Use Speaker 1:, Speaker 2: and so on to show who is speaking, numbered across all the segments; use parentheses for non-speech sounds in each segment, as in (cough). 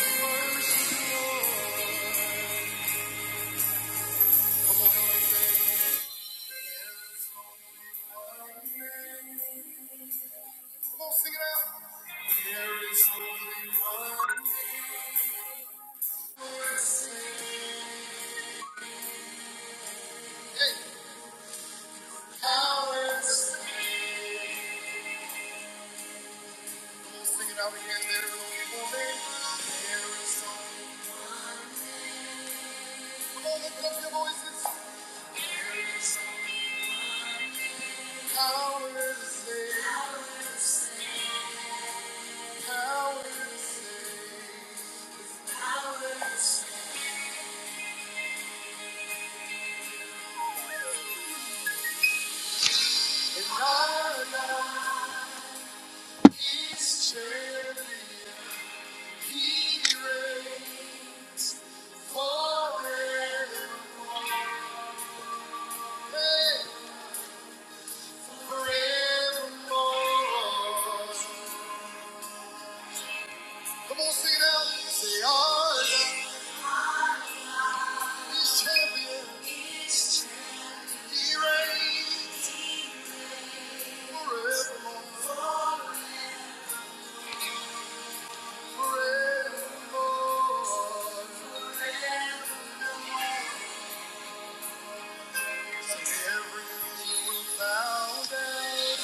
Speaker 1: Power to save. power to save, power to save, power to save. He's champion. He reigns forever, forevermore. Come on, sing it out. Say, our God He's champion. He reigns forevermore, forevermore. Every knee will bow down.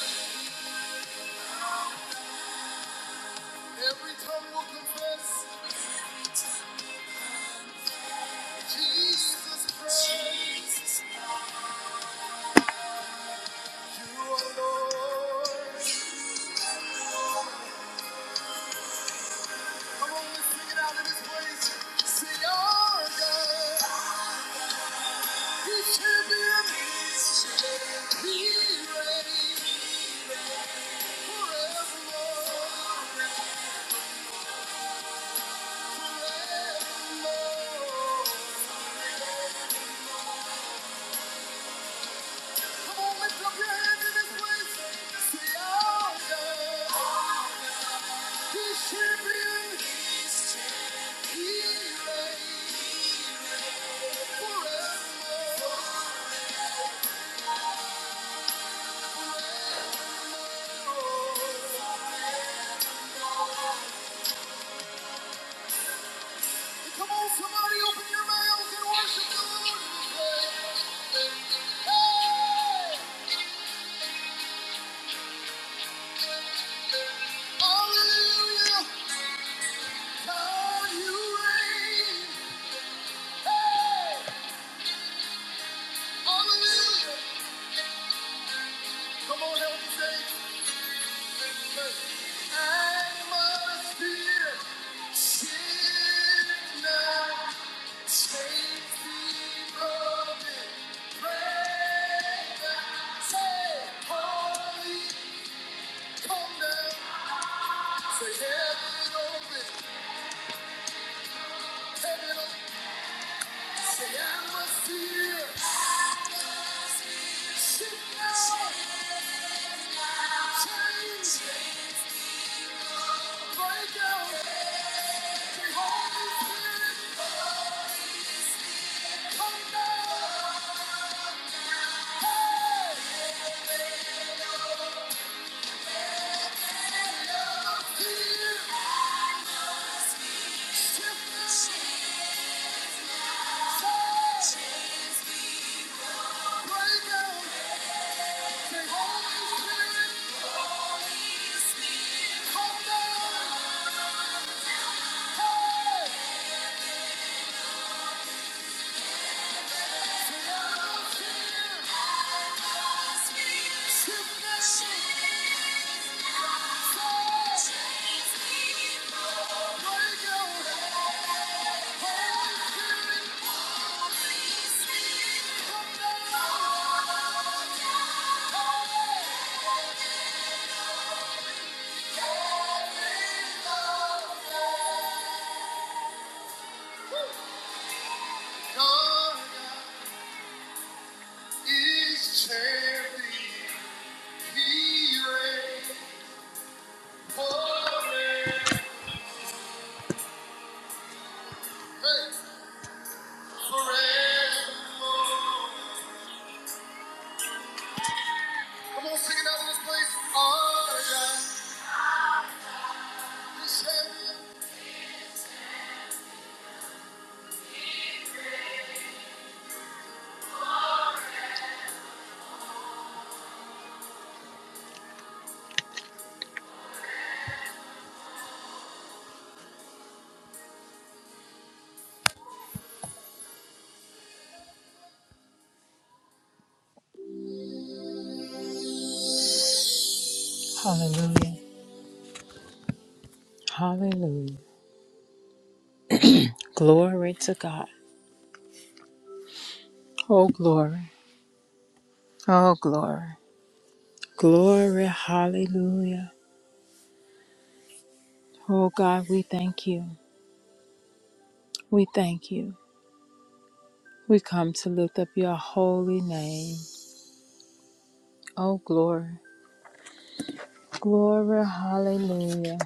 Speaker 1: Every tongue will confess Jesus Christ. You are Lord. Come on, let's sing it out in this place. Say, our God, He champion. He reigns forevermore. Forevermore. Come on, lift up your hands in this place. Say, our God, He champion. He reigns forevermore. Come on, somebody, open your mouths and worship the Lord in this Hey, hallelujah, God, you Hey, hallelujah. Come on, help me say it. I must fear. Sin Break out! Say, Holy Spirit, come down! God is champion. He reigns forever. Hey, forevermore. Hallelujah. Hallelujah. Glory to God. Oh, glory. Oh, glory. Glory. Hallelujah. Oh, God, we thank you. We thank you. We come to lift up your holy name. Oh, glory. Glory. Hallelujah.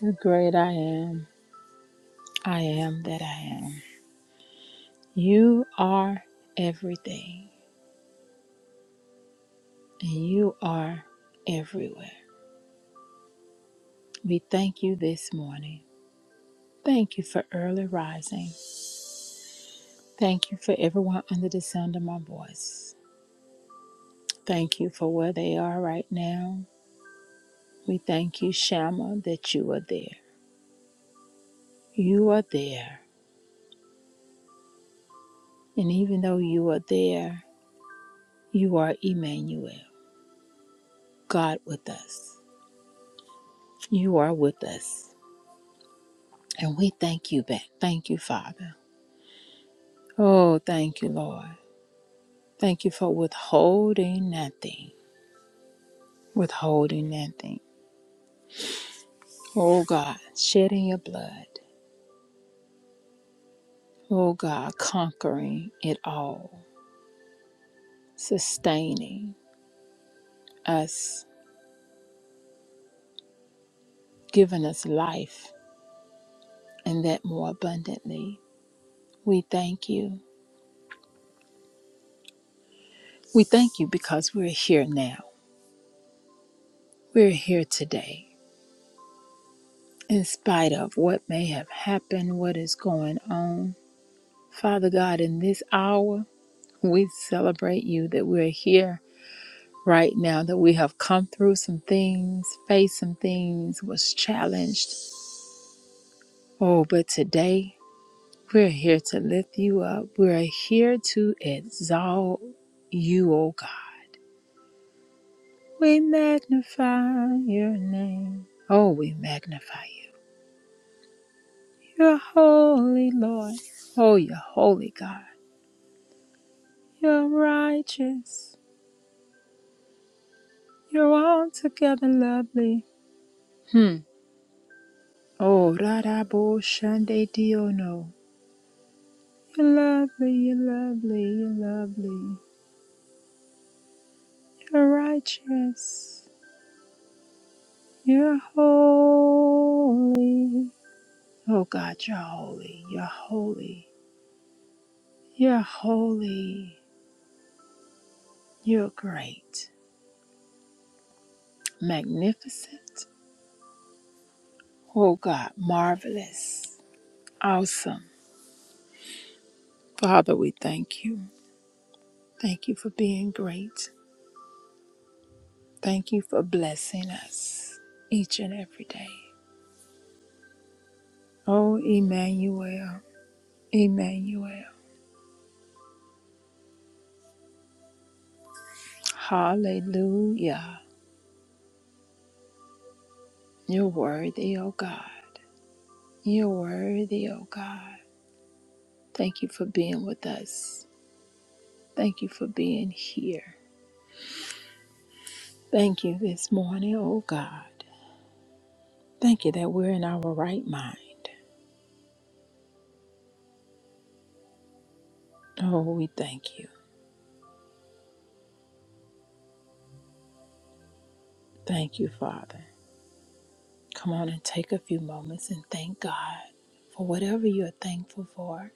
Speaker 1: The great I am. I am that I am. You are everything, and you are everywhere. We thank you this morning. Thank you for early rising. Thank you for everyone under the sound of my voice. Thank you for where they are right now. We thank you, Shama, that you are there. You are there. And even though you are there, you are Emmanuel, God with us. You are with us. And we thank you back. Thank you, Father. Oh, thank you, Lord. Thank you for withholding nothing, withholding nothing. Oh, God, shedding your blood. Oh God, conquering it all, sustaining us, giving us life, and that more abundantly. We thank you. We thank you because we're here now. We're here today, in spite of what may have happened, what is going on. Father God, in this hour, we celebrate you that we're here right now, that we have come through some things, faced some things, was challenged. Oh, but today, We're here to lift you up. We're here to exalt you, O God. We magnify your name. Oh, we magnify you. You're holy, Lord. Oh, you're holy, God. You're righteous. You're altogether lovely. Hmm. Oh, Radabo Shande Diono. You're lovely, you're lovely, you're lovely. You're righteous. You're holy. Oh God, you're holy. You're holy. You're holy. You're great. Magnificent. Oh God, marvelous. Awesome. Father, we thank you. Thank you for being great. Thank you for blessing us each and every day. Oh, Emmanuel. Emmanuel. Hallelujah. You're worthy, oh God. You're worthy, oh God. Thank you for being with us. Thank you for being here. Thank you this morning, oh God. Thank you that we're in our right mind. Oh, we thank you. Thank you, Father. Come on and take a few moments and thank God for whatever you're thankful for,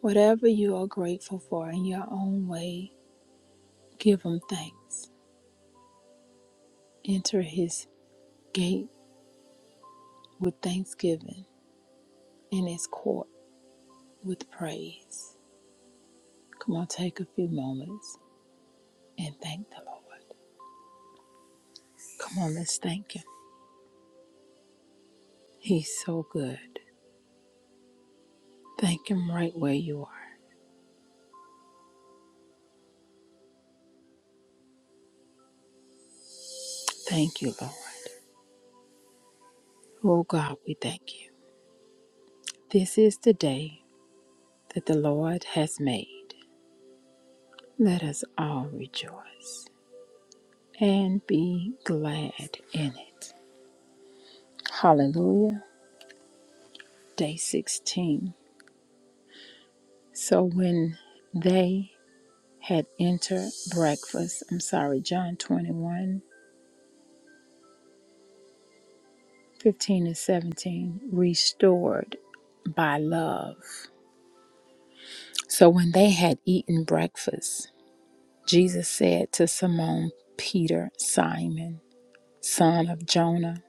Speaker 1: whatever you are grateful for in your own way. Give Him thanks. Enter His gate with thanksgiving and His court with praise. Come on, take a few moments and thank the Lord. Come on, let's thank Him. He's so good. Thank Him right where you are. Thank you, Lord. Oh God, we thank you. This is the day that the Lord has made. Let us all rejoice and be glad in it. Hallelujah. Day 16. So when they had entered breakfast, I'm sorry, John 21 15 and 17, restored by love. So when they had eaten breakfast, Jesus said to Simon Peter, Simon, son of Jonah,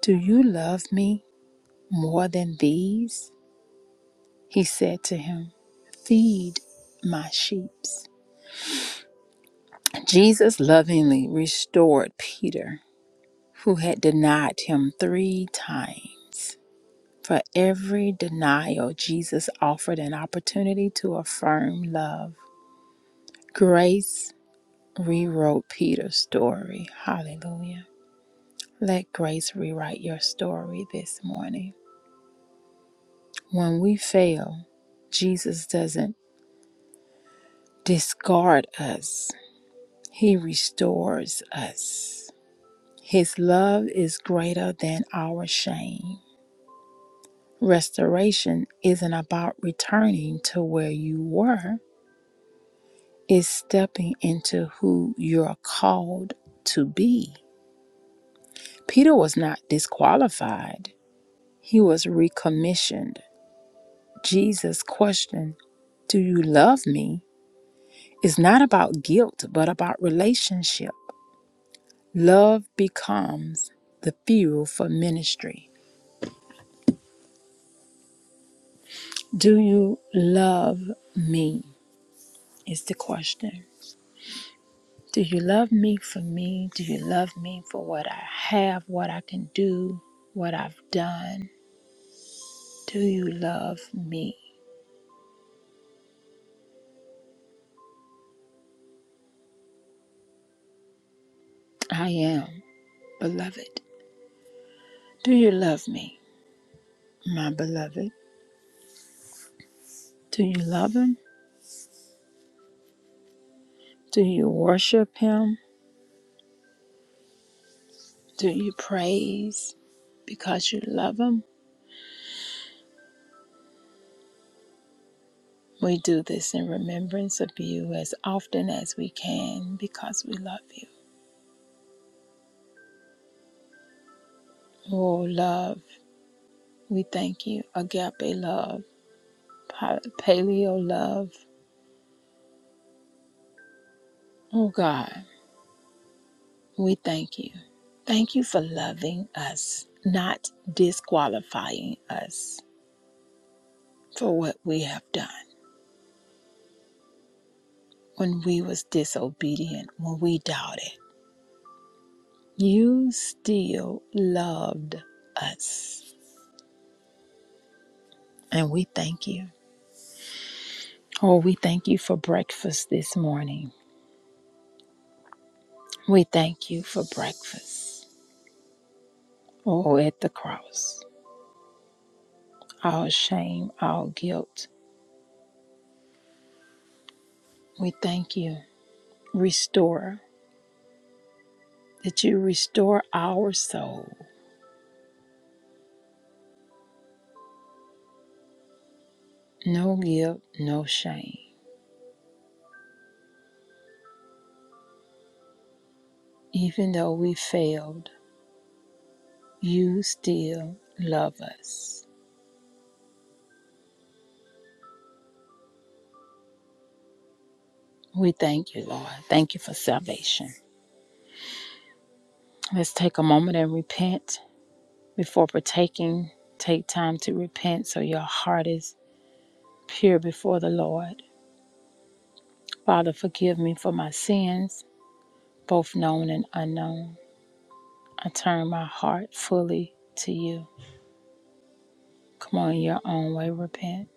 Speaker 1: Do you love me more than these? He said to him, Feed my sheep. Jesus lovingly restored Peter, who had denied him three times. For every denial, Jesus offered an opportunity to affirm love. Grace rewrote Peter's story. Hallelujah. Let grace rewrite your story this morning. When we fail, Jesus doesn't discard us, He restores us. His love is greater than our shame. Restoration isn't about returning to where you were, it's stepping into who you're called to be. Peter was not disqualified, he was recommissioned. Jesus' question, Do you love me? is not about guilt, but about relationship. Love becomes the fuel for ministry. Do you love me? Is the question. Do you love me for me? Do you love me for what I have, what I can do, what I've done? Do you love me? I am, beloved. Do you love me, my beloved? Do you love him? Do you worship him? Do you praise because you love Him? We do this in remembrance of you as often as we can because we love you. Oh, love, we thank you. Agape love, paleo love. Oh, God, we thank you. Thank you for loving us, not disqualifying us for what we have done when we was disobedient, when we doubted. You still loved us. And we thank you. Oh, we thank you for breakfast this morning. We thank you for breakfast. Oh, at the cross, our shame, our guilt. We thank you, Restore, that you restore our soul. No guilt, no shame. Even though we failed, you still love us. We thank you, Lord. Thank you for salvation. Let's take a moment and repent before partaking. Take time to repent so your heart is pure before the Lord. Father, forgive me for my sins, both known and unknown. I turn my heart fully to you. Come on, your own way, repent.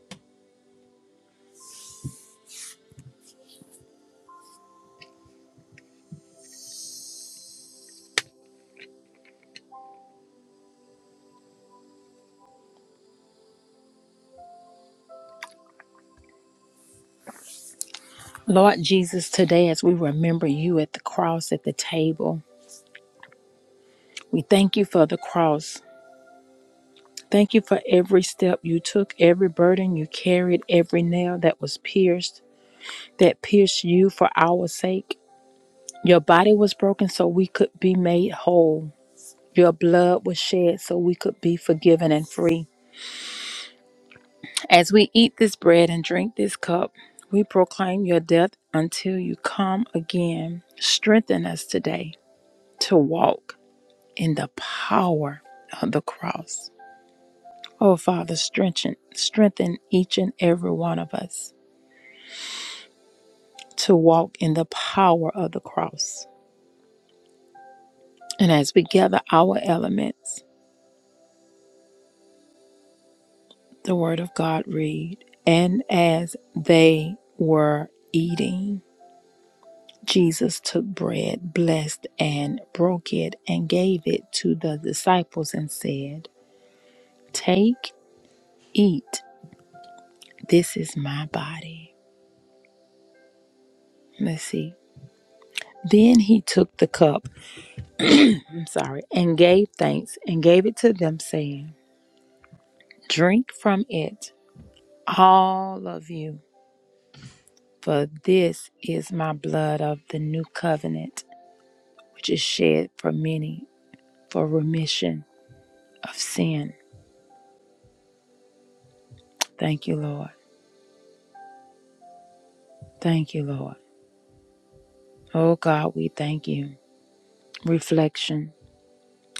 Speaker 1: Lord Jesus, today as we remember you at the cross, at the table, we thank you for the cross. Thank you for every step you took, every burden you carried, every nail that was pierced, that pierced you for our sake. Your body was broken so we could be made whole. Your blood was shed so we could be forgiven and free. As we eat this bread and drink this cup, we proclaim your death until you come again. Strengthen us today to walk in the power of the cross. Oh, Father, strengthen, strengthen each and every one of us to walk in the power of the cross. And as we gather our elements, the Word of God read, and as they were eating, Jesus took bread, blessed and broke it, and gave it to the disciples and said, Take, eat, this is my body. Let's see. Then he took the cup, I'm sorry, and gave thanks and gave it to them, saying, Drink from it, all of you, for this is my blood of the new covenant, which is shed for many for remission of sin. Thank you, Lord. Thank you, Lord. Oh God, we thank you. Reflection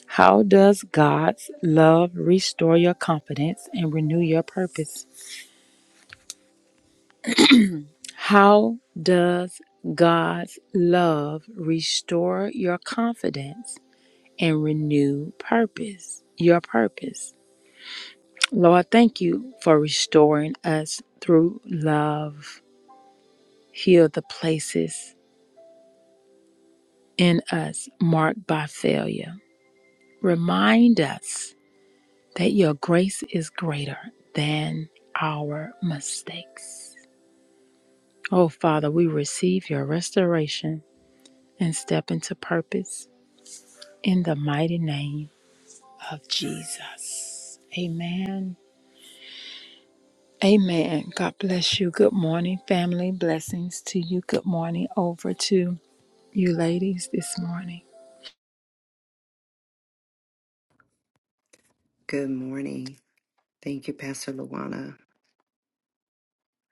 Speaker 1: How does God's love restore your confidence and renew your purpose? How does God's love restore your confidence and renew purpose? Your purpose. Lord, thank you for restoring us through love. Heal the places in us marked by failure. Remind us that your grace is greater than our mistakes. Oh, Father, we receive your restoration and step into purpose in the mighty name of Jesus. Amen. Amen. God bless you. Good morning, family. Blessings to you. Good morning over to you ladies this morning.
Speaker 2: Good morning. Thank you, Pastor Luana.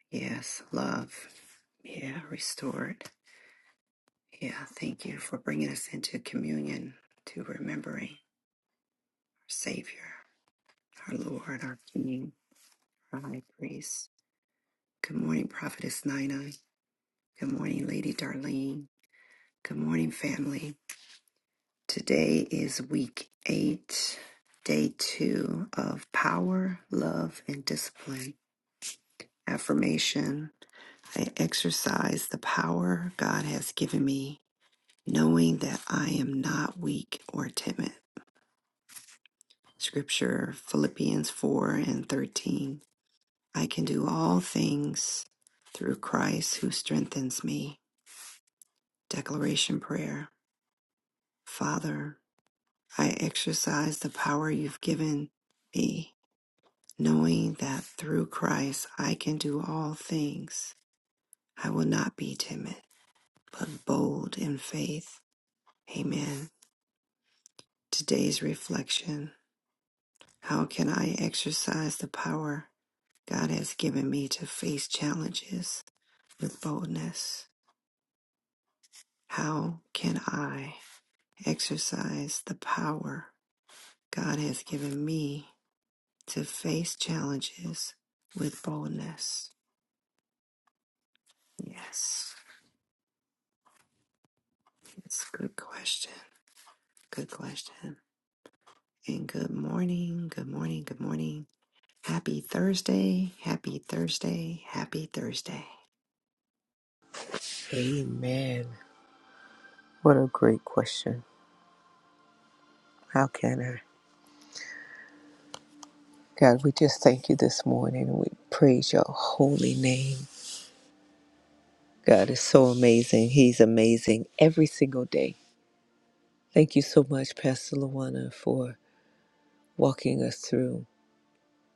Speaker 2: Yes, love. Yeah, restored. Yeah, thank you for bringing us into communion, to remembering our Savior, our Lord, our King, our High Priest. Good morning, Prophetess Nina. Good morning, Lady Darlene. Good morning, family. Today is week eight, day two of power, love, and discipline. Affirmation I exercise the power God has given me, knowing that I am not weak or timid. Scripture Philippians 4 and 13. I can do all things through Christ who strengthens me. Declaration prayer. Father, I exercise the power you've given me, knowing that through Christ I can do all things. I will not be timid, but bold in faith. Amen. Today's reflection How can I exercise the power God has given me to face challenges with boldness? How can I exercise the power God has given me to face challenges with boldness? Yes, it's a good question. Good question. And good morning, good morning, good morning. Happy Thursday, happy Thursday, happy Thursday.
Speaker 3: Amen. What a great question. How can I? God, we just thank you this morning and we praise your holy name. God is so amazing. He's amazing every single day. Thank you so much, Pastor Luana, for walking us through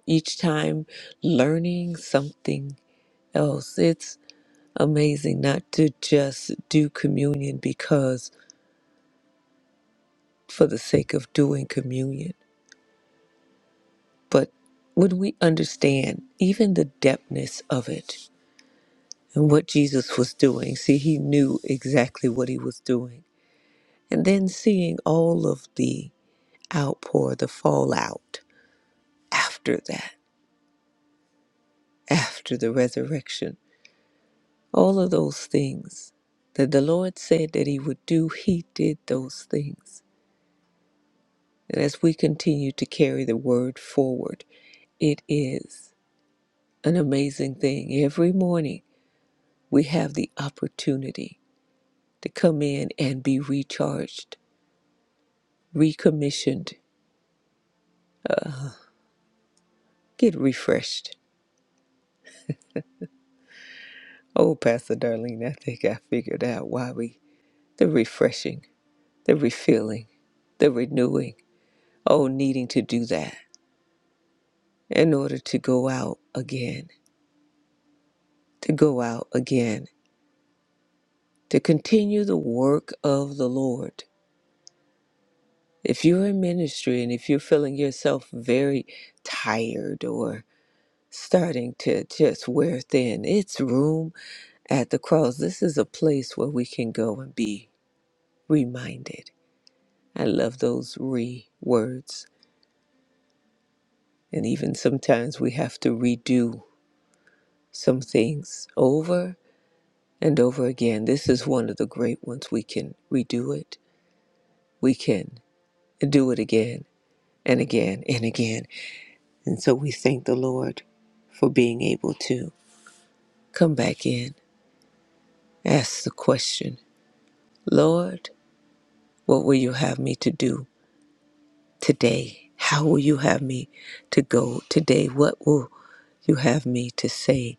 Speaker 3: each time learning something else. It's amazing not to just do communion because for the sake of doing communion, but when we understand even the depthness of it, and what Jesus was doing. See, he knew exactly what he was doing. And then seeing all of the outpour, the fallout after that, after the resurrection, all of those things that the Lord said that he would do, he did those things. And as we continue to carry the word forward, it is an amazing thing. Every morning we have the opportunity to come in and be recharged, recommissioned, uh, Get refreshed. Oh, Pastor Darlene, I think I figured out why we, the refreshing, the refilling, the renewing, oh, needing to do that in order to go out again, to go out again, to continue the work of the Lord. If you're in ministry and if you're feeling yourself very tired or starting to just wear thin, it's room at the cross. This is a place where we can go and be reminded. I love those re words. And even sometimes we have to redo some things over and over again. This is one of the great ones. We can redo it, we can do it again and again and again. And so we thank the Lord for being able to come back in, ask the question Lord, what will you have me to do today? How will you have me to go today? What will you have me to say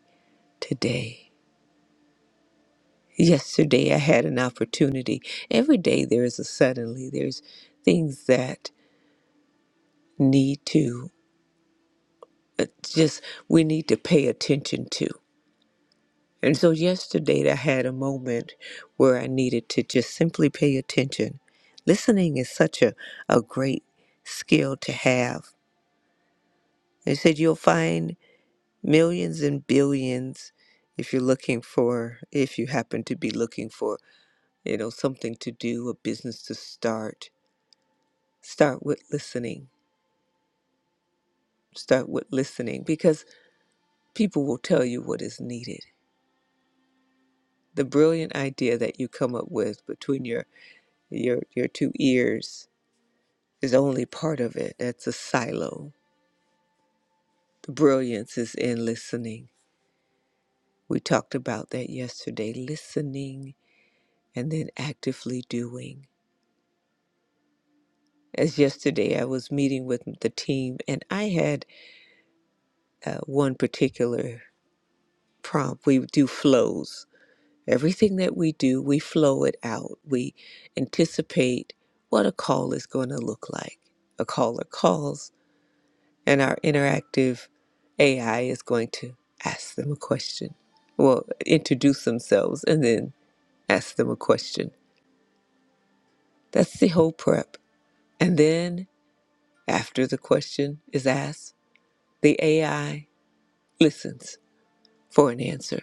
Speaker 3: today? Yesterday, I had an opportunity. Every day, there is a suddenly, there's things that need to uh, just, we need to pay attention to. And so, yesterday, I had a moment where I needed to just simply pay attention. Listening is such a, a great skill to have. They said you'll find millions and billions if you're looking for, if you happen to be looking for, you know, something to do, a business to start Start with listening. Start with listening because people will tell you what is needed. The brilliant idea that you come up with between your your your two ears is only part of it. That's a silo. The brilliance is in listening. We talked about that yesterday, listening and then actively doing. As yesterday I was meeting with the team and I had uh, one particular prompt. We do flows Everything that we do, we flow it out. We anticipate what a call is going to look like. A caller calls, and our interactive AI is going to ask them a question. Well, introduce themselves and then ask them a question. That's the whole prep. And then, after the question is asked, the AI listens for an answer.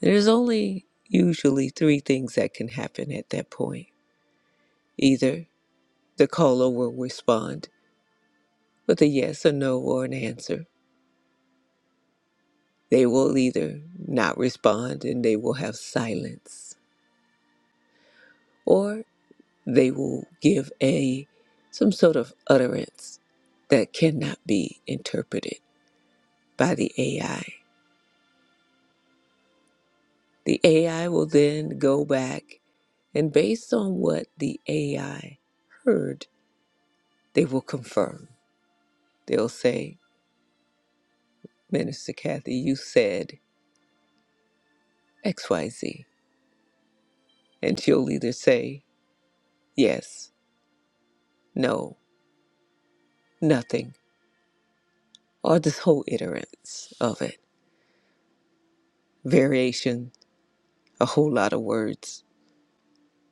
Speaker 3: There's only usually three things that can happen at that point. Either. The caller will respond with a yes, a no, or an answer. They will either not respond and they will have silence, or they will give a some sort of utterance that cannot be interpreted by the AI. The AI will then go back and based on what the AI heard, they will confirm. They'll say, Minister Kathy, you said X, Y, Z," And she'll either say yes No, nothing. Or this whole iterance of it. Variation, a whole lot of words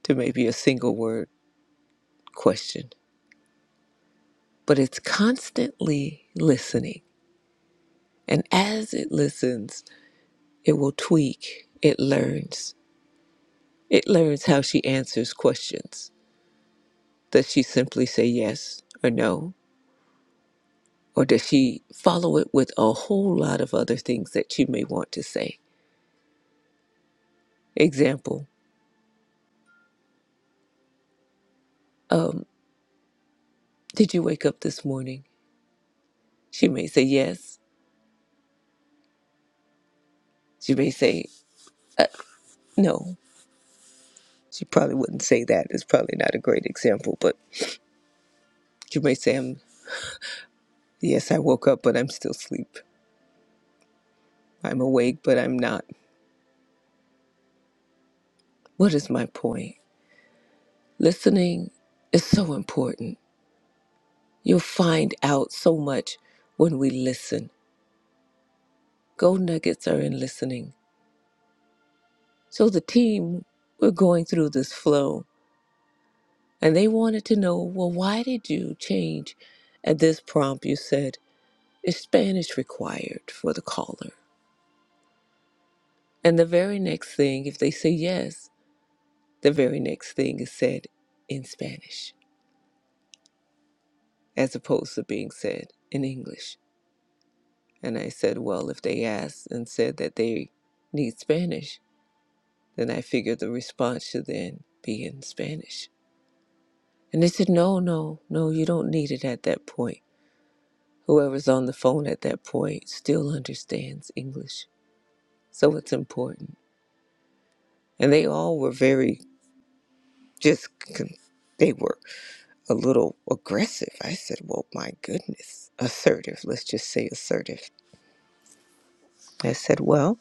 Speaker 3: to maybe a single word question. But it's constantly listening. And as it listens, it will tweak. It learns. It learns how she answers questions. Does she simply say yes or no? Or does she follow it with a whole lot of other things that she may want to say? Example, um, did you wake up this morning? She may say yes. She may say no. She probably wouldn't say that. It's probably not a great example, but she may say, I'm, Yes, I woke up, but I'm still asleep. I'm awake, but I'm not. What is my point? Listening is so important. You'll find out so much when we listen. Gold nuggets are in listening. So the team we're going through this flow and they wanted to know, well, why did you change at this prompt? You said, Is Spanish required for the caller? And the very next thing, if they say yes, the very next thing is said in Spanish as opposed to being said in English. And I said, well, if they asked and said that they need Spanish, then I figured the response should then be in Spanish. And they said, no, no, no, you don't need it at that point. Whoever's on the phone at that point still understands English. So it's important. And they all were very just con- they were a little aggressive. I said, "Well, my goodness, assertive. Let's just say assertive." I said, "Well,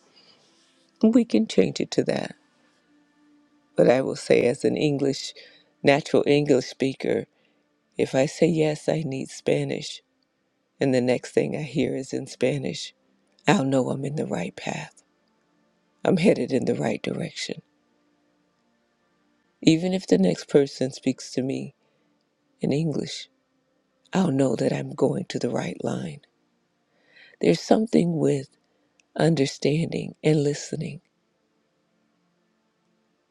Speaker 3: we can change it to that." But I will say, as an English, natural English speaker, if I say yes, I need Spanish, and the next thing I hear is in Spanish, I'll know I'm in the right path. I'm headed in the right direction. Even if the next person speaks to me in English, I'll know that I'm going to the right line. There's something with understanding and listening.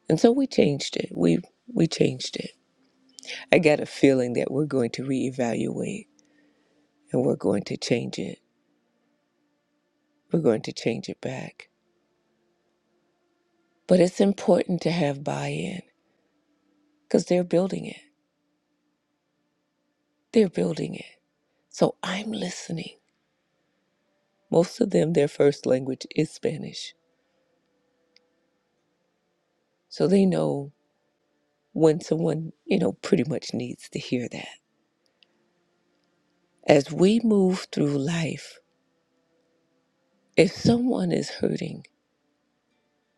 Speaker 3: And so we changed it. We we changed it. I got a feeling that we're going to reevaluate and we're going to change it. We're going to change it back. But it's important to have buy-in because they're building it. They're building it. So I'm listening. Most of them, their first language is Spanish. So they know when someone, you know, pretty much needs to hear that. As we move through life, if someone is hurting,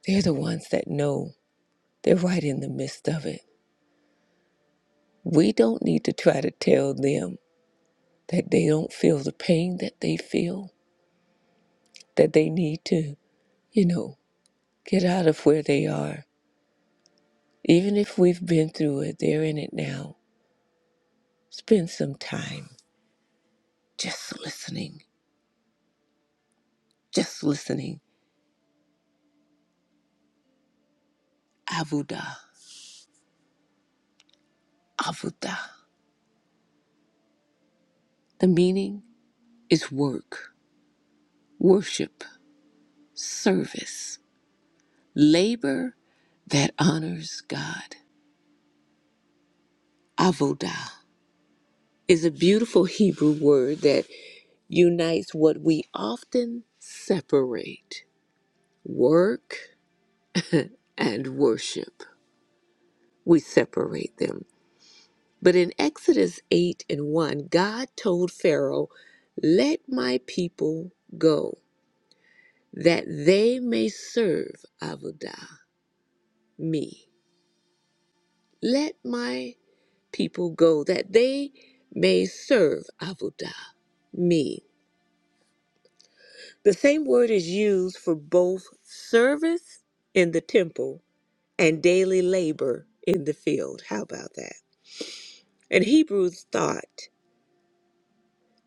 Speaker 3: they're the ones that know They're right in the midst of it. We don't need to try to tell them that they don't feel the pain that they feel, that they need to, you know, get out of where they are. Even if we've been through it, they're in it now. Spend some time just listening, just listening. Avuda, avuda. The meaning is work, worship, service, labor that honors God. Avodah. is a beautiful Hebrew word that unites what we often separate work and worship. We separate them. But in Exodus 8 and 1, God told Pharaoh, Let my people go, that they may serve Avodah, me. Let my people go, that they may serve Avodah, me. The same word is used for both service in the temple and daily labor in the field. How about that? And Hebrews thought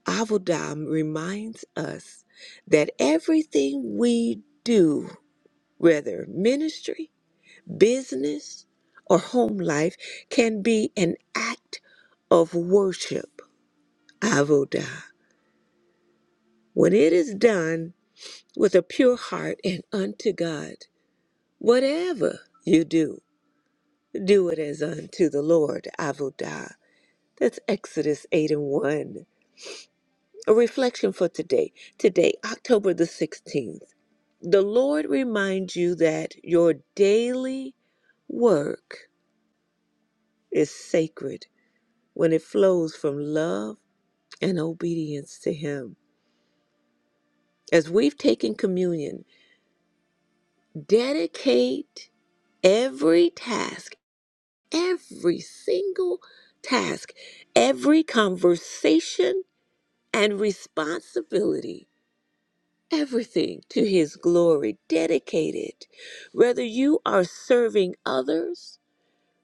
Speaker 3: Avodah reminds us that everything we do, whether ministry, business, or home life, can be an act of worship. Avodah. When it is done with a pure heart and unto God, whatever you do Do it as unto the Lord, Avodah. That's Exodus 8 and 1. A reflection for today. Today, October the 16th. The Lord reminds you that your daily work is sacred when it flows from love and obedience to Him. As we've taken communion, dedicate every task, every single task, every conversation and responsibility, everything to His glory, dedicated. Whether you are serving others,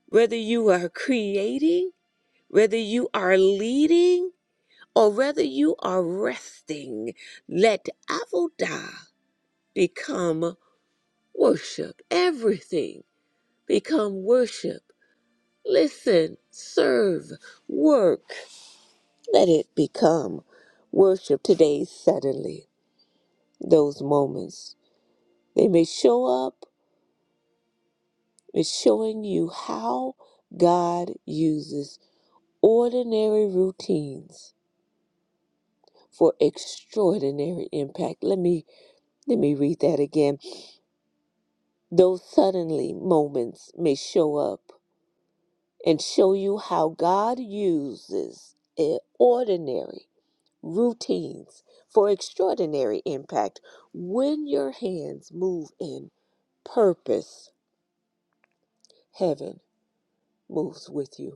Speaker 3: whether you are creating, whether you are leading, or whether you are resting, let Avodah become worship. Everything become worship. Listen, serve, work. Let it become worship today, suddenly, those moments They may show up as showing you how God uses ordinary routines for extraordinary impact. Let me let me read that again. Those suddenly moments may show up and show you how God uses eh, ordinary routines for extraordinary impact when your hands move in purpose heaven moves with you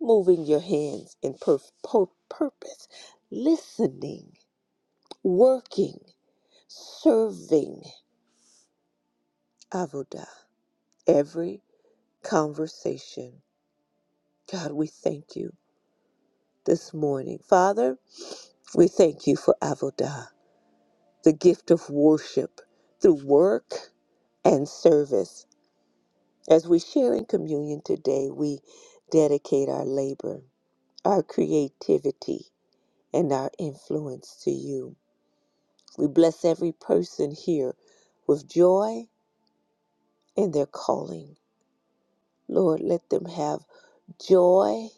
Speaker 3: moving your hands in per- pur- purpose, listening, working, serving Avodah. Every conversation. God, we thank you this morning. Father, we thank you for Avodah, the gift of worship through work and service. As we share in communion today, we dedicate our labor, our creativity, and our influence to you. We bless every person here with joy in their calling. Lord, let them have joy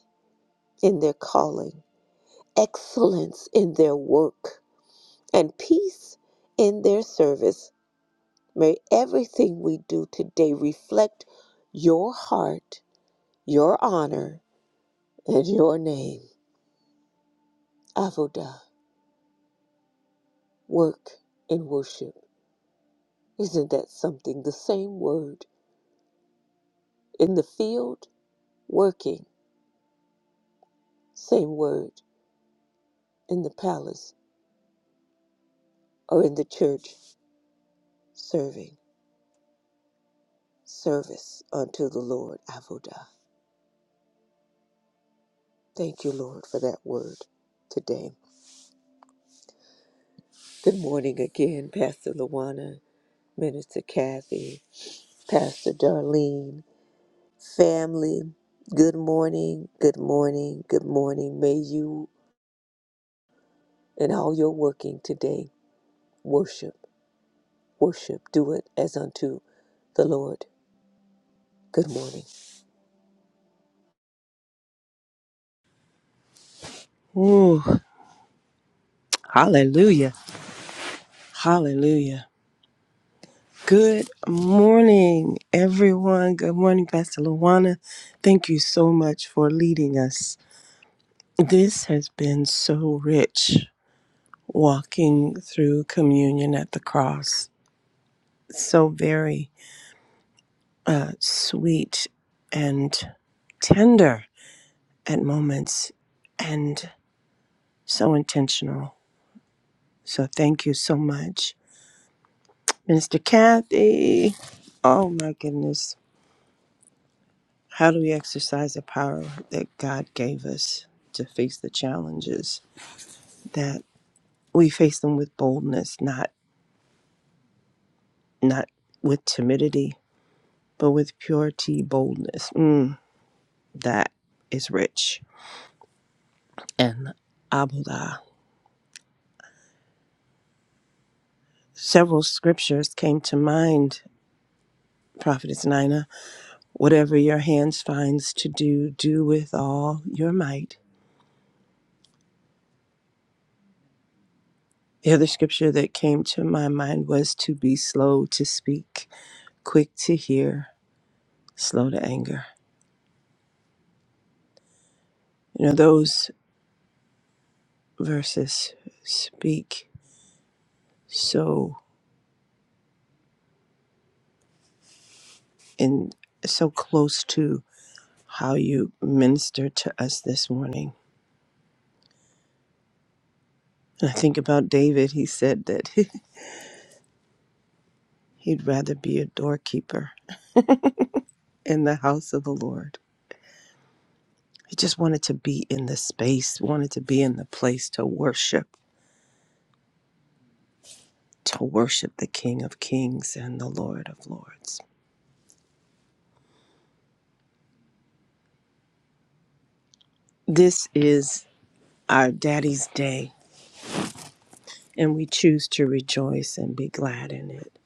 Speaker 3: in their calling, excellence in their work, and peace in their service. May everything we do today reflect your heart, your honor, and your name. Avodah, work and worship. Isn't that something? The same word in the field, working, same word in the palace or in the church serving service unto the Lord Avodah. Thank you, Lord, for that word today. Good morning again, Pastor Luana, Minister Kathy, Pastor Darlene, family. Good morning, good morning, good morning. May you and all your working today worship, worship, do it as unto the Lord. Good morning.
Speaker 4: Ooh, hallelujah. Hallelujah. Good morning, everyone. Good morning, Pastor Luana. Thank you so much for leading us. This has been so rich walking through communion at the cross. So very uh, sweet and tender at moments and so intentional. So thank you so much, Minister Kathy. Oh my goodness. How do we exercise the power that God gave us to face the challenges that we face them with boldness, not not with timidity, but with purity, boldness. Mm, that is rich. And Abudah. Several scriptures came to mind, Prophetess Nina. Whatever your hands finds to do, do with all your might. The other scripture that came to my mind was to be slow to speak, quick to hear, slow to anger. You know, those verses speak so in so close to how you minister to us this morning. And I think about David, he said that (laughs) he'd rather be a doorkeeper in the house of the Lord. He just wanted to be in the space, wanted to be in the place to worship, to worship the King of Kings and the Lord of Lords. This is our Daddy's Day and we choose to rejoice and be glad in it.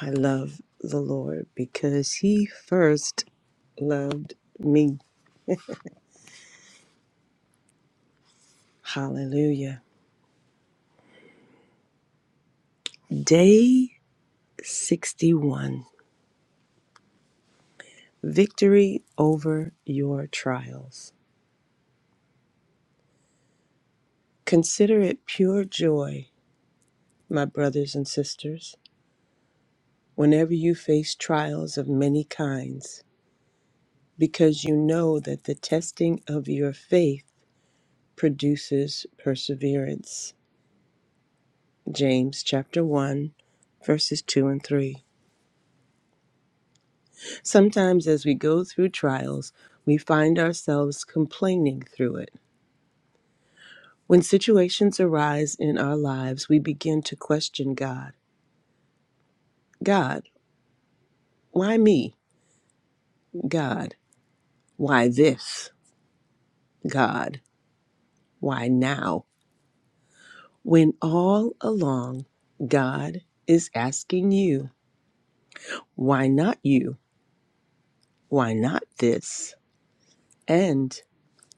Speaker 4: I love the Lord because He first loved me. Hallelujah. Day 61 Victory over your trials. Consider it pure joy, my brothers and sisters, whenever you face trials of many kinds, because you know that the testing of your faith produces perseverance. James chapter 1, verses 2 and 3. Sometimes as we go through trials, we find ourselves complaining through it. When situations arise in our lives, we begin to question God. God, why me? God, why this? God, why now? When all along, God is asking you, why not you? Why not this? And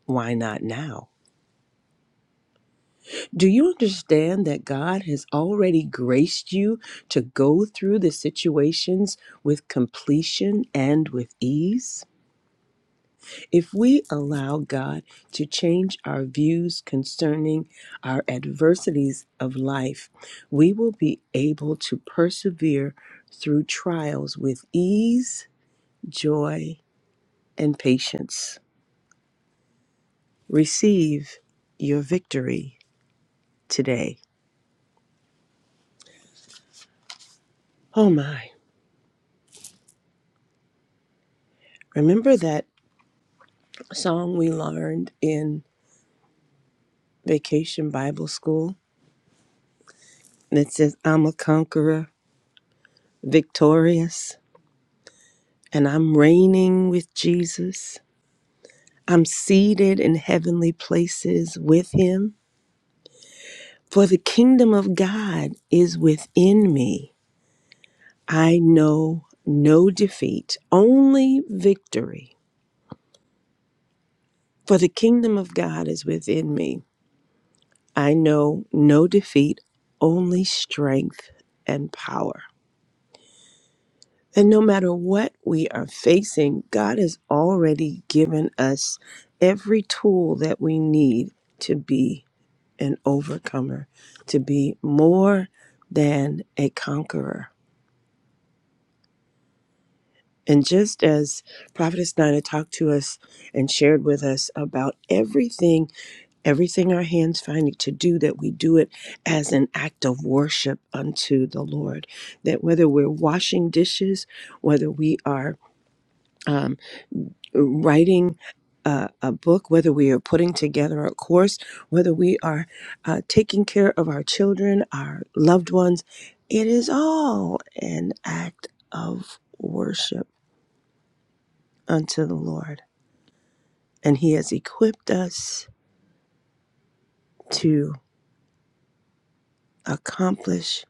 Speaker 4: why not now? Do you understand that God has already graced you to go through the situations with completion and with ease? If we allow God to change our views concerning our adversities of life, we will be able to persevere through trials with ease, joy, and patience. Receive your victory today. Oh my, remember that. song we learned in vacation Bible school that says, I'm a conqueror, victorious, and I'm reigning with Jesus. I'm seated in heavenly places with him. For the kingdom of God is within me. I know no defeat, only victory. For the kingdom of God is within me. I know no defeat, only strength and power. And no matter what we are facing, God has already given us every tool that we need to be an overcomer, to be more than a conqueror. And just as Prophetess Nina talked to us and shared with us about everything, everything our hands find to do, that we do it as an act of worship unto the Lord. That whether we're washing dishes, whether we are um, writing a, a book, whether we are putting together a course, whether we are uh, taking care of our children, our loved ones, it is all an act of worship unto the Lord. And He has equipped us to accomplish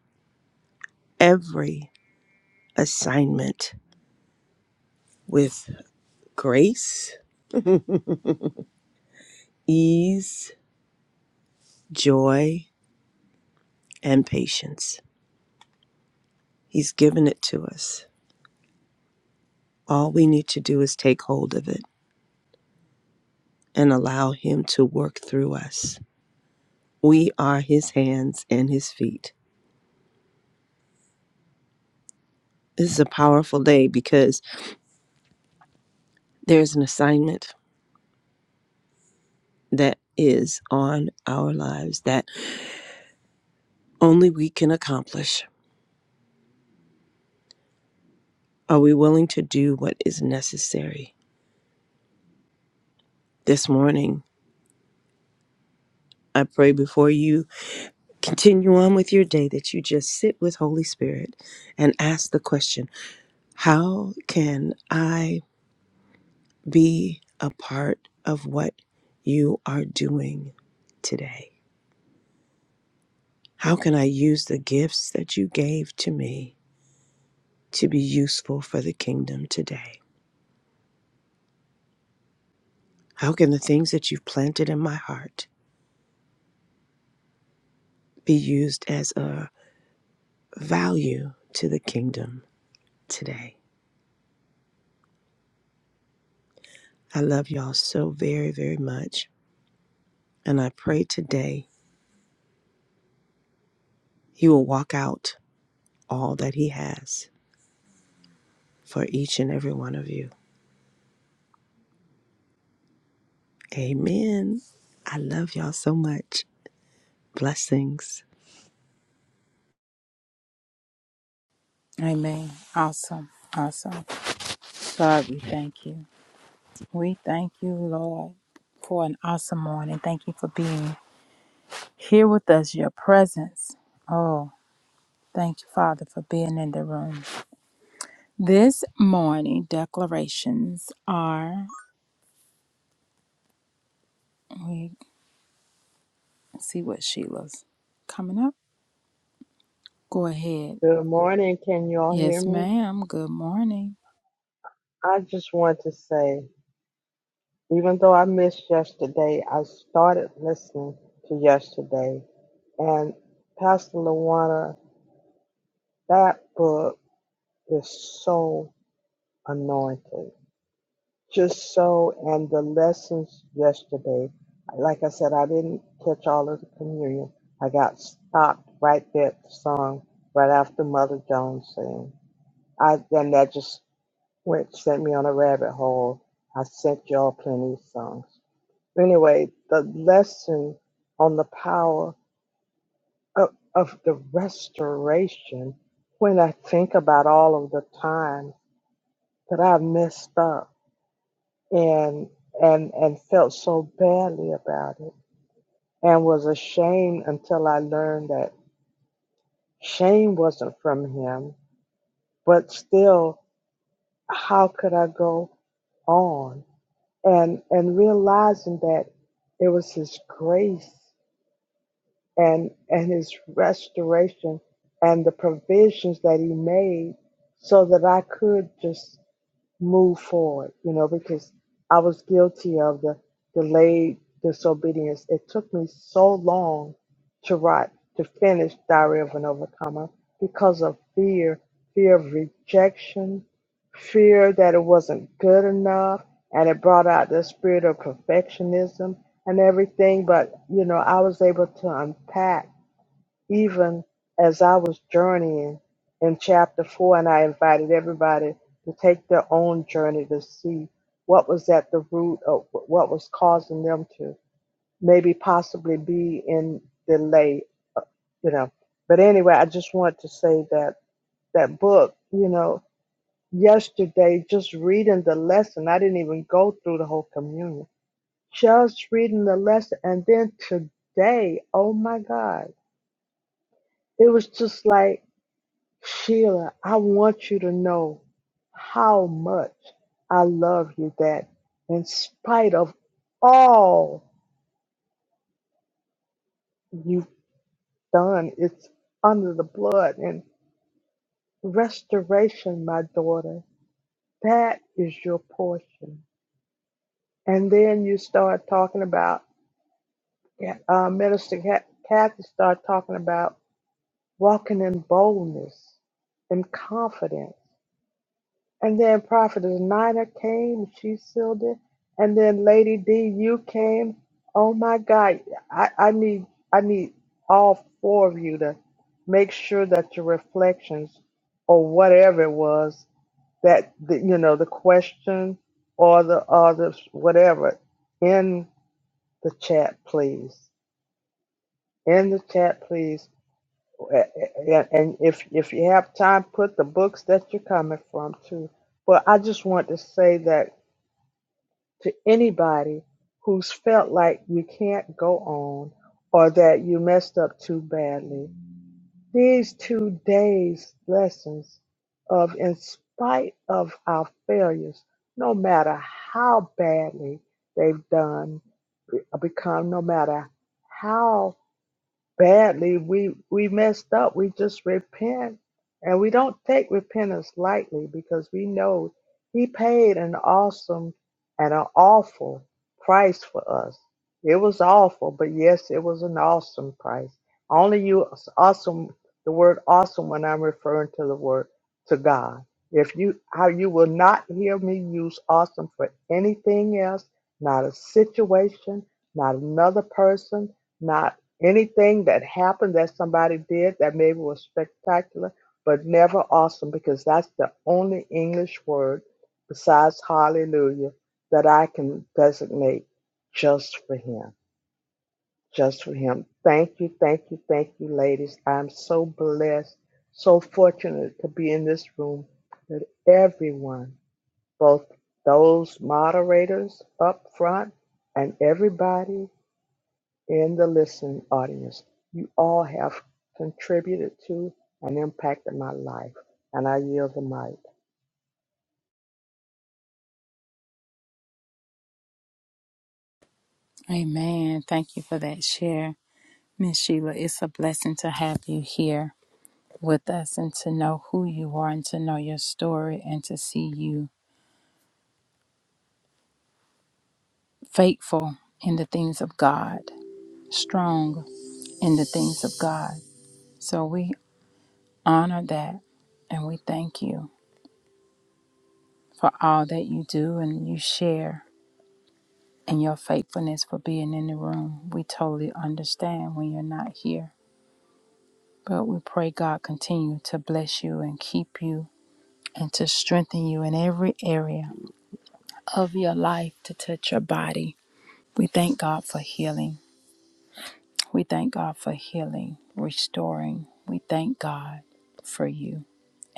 Speaker 4: every assignment with grace, ease, joy, and patience. He's given it to us. All we need to do is take hold of it and allow Him to work through us. We are His hands and His feet. This is a powerful day because there's an assignment that is on our lives that only we can accomplish. Are we willing to do what is necessary? This morning, I pray before you continue on with your day that you just sit with Holy Spirit and ask the question How can I be a part of what you are doing today? How can I use the gifts that you gave to me to be useful for the kingdom today? How can the things that you've planted in my heart be used as a value to the kingdom today? I love y'all so very, very much. And I pray today he will walk out all that He has for each and every one of you. Amen. I love y'all so much. Blessings.
Speaker 1: Amen. Awesome. Awesome. God, we thank you. We thank you, Lord, for an awesome morning. Thank you for being Here with us, your presence. Oh, thank you, Father, for being in the room. This morning, declarations are. We see what Sheila's coming up. Go ahead.
Speaker 5: Good morning. Can you all hear
Speaker 1: Yes,
Speaker 5: me?
Speaker 1: ma'am. Good morning.
Speaker 5: I just want to say, even though I missed yesterday, I started listening to yesterday. And Pastor Lawana, that book is so anointed. Just so, and the lessons yesterday, like I said, I didn't catch all of the communion. I got stopped right there at the song, right after Mother Jones sang. I, and that just which sent me on a rabbit hole. I sent y'all plenty of songs. Anyway, the lesson on the power of, of the restoration, when I think about all of the times that I messed up and and and felt so badly about it and was ashamed until I learned that shame wasn't from him, but still how could I go on? and and realizing that it was his grace and and his restoration and the provisions that he made so that I could just move forward, you know, because I was guilty of the delayed disobedience. It took me so long to write, to finish Diary of an Overcomer because of fear, fear of rejection, fear that it wasn't good enough, and it brought out the spirit of perfectionism and everything. But, you know, I was able to unpack even as I was journeying in chapter four, and I invited everybody to take their own journey to see what was at the root of wh- what was causing them to maybe possibly be in delay, uh, you know. But anyway, I just want to say that that book, you know, yesterday just reading the lesson, I didn't even go through the whole communion, just reading the lesson, and then today, oh my God, it was just like Sheila, I want you to know how much I love you that in spite of all you've done, it's under the blood and restoration, my daughter. That is your portion. And then you start talking about, yeah, uh, Minister Ca- Kathy started talking about walking in boldness and confidence. And then Prophetess Nina came, she sealed it. And then Lady D, you came. Oh my God, I, I need I need all four of you to make sure that your reflections or whatever it was that the, you know the question or the or the whatever in the chat, please. In the chat, please. And and if if you have time, put the books that you're coming from too. But I just want to say that to anybody who's felt like you can't go on or that you messed up too badly. These two days' lessons of, in spite of our failures, no matter how badly they've done, become, no matter how badly. We we messed up. We just repent. And we don't take repentance lightly because we know he paid an awesome and an awful price for us. It was awful, but yes, it was an awesome price. I Only you awesome the word awesome when I'm referring to the word to God. If you how you will not hear me use awesome for anything else, not a situation, not another person, not. Anything that happened that somebody did that maybe was spectacular, but never awesome, because that's the only English word besides hallelujah that I can designate just for him. Just for him. Thank you, thank you, thank you, ladies. I'm so blessed, so fortunate to be in this room with everyone, both those moderators up front and everybody in the listening audience. You all have contributed to and impacted my life, and I yield the mic.
Speaker 1: Amen. Thank you for that share. Miss Sheila, it's a blessing to have you here with us and to know who you are and to know your story and to see you faithful in the things of God, strong in the things of God. So we honor that and we thank you for all that you do and you share and your faithfulness for being in the room. We totally understand when you're not here. But we pray God continue to bless you and keep you and to strengthen you in every area of your life to touch your body. We thank God for healing. We thank God for healing, restoring. We thank God for you.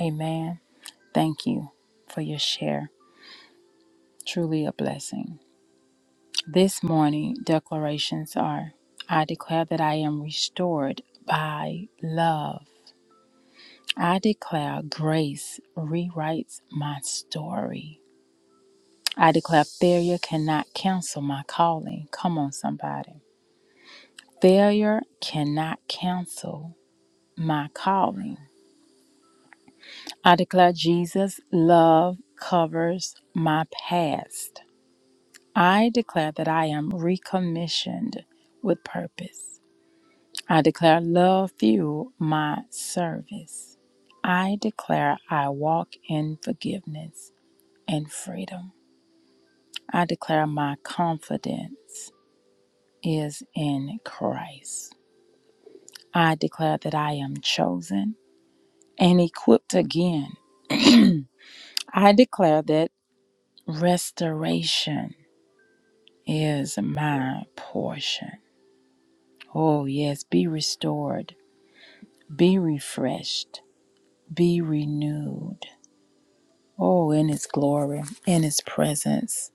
Speaker 1: Amen. Thank you for your share. Truly a blessing. This morning declarations are I declare that I am restored by love. I declare grace rewrites my story. I declare failure cannot cancel my calling. Come on, somebody. Failure cannot cancel my calling. I declare Jesus' love covers my past. I declare that I am recommissioned with purpose. I declare love fuel my service. I declare I walk in forgiveness and freedom. I declare my confidence is in Christ. I declare that I am chosen and equipped again. I declare that restoration is my portion. Oh, yes, be restored, be refreshed, be renewed Oh, in His glory, in His presence.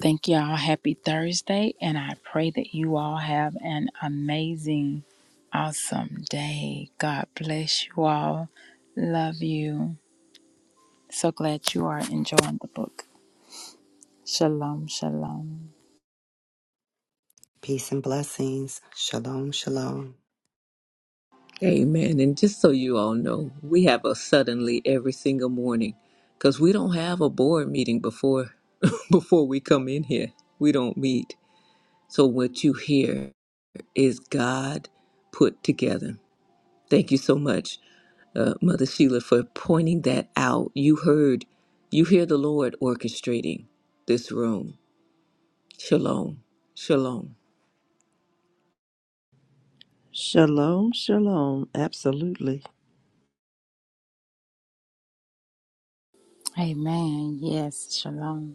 Speaker 1: Thank y'all. Happy Thursday. And I pray that you all have an amazing, awesome day. God bless you all. Love you. So glad you are enjoying the book. Shalom, shalom.
Speaker 2: Peace and blessings. Shalom, shalom.
Speaker 3: Amen. And just so you all know, we have a suddenly every single morning because we don't have a board meeting before (laughs) before we come in here. We don't meet. So what you hear is God put together. Thank you so much, uh, Mother Sheila, for pointing that out. You heard, you hear the Lord orchestrating this room. Shalom. Shalom.
Speaker 4: Shalom, shalom. Absolutely.
Speaker 1: Amen. Yes, shalom.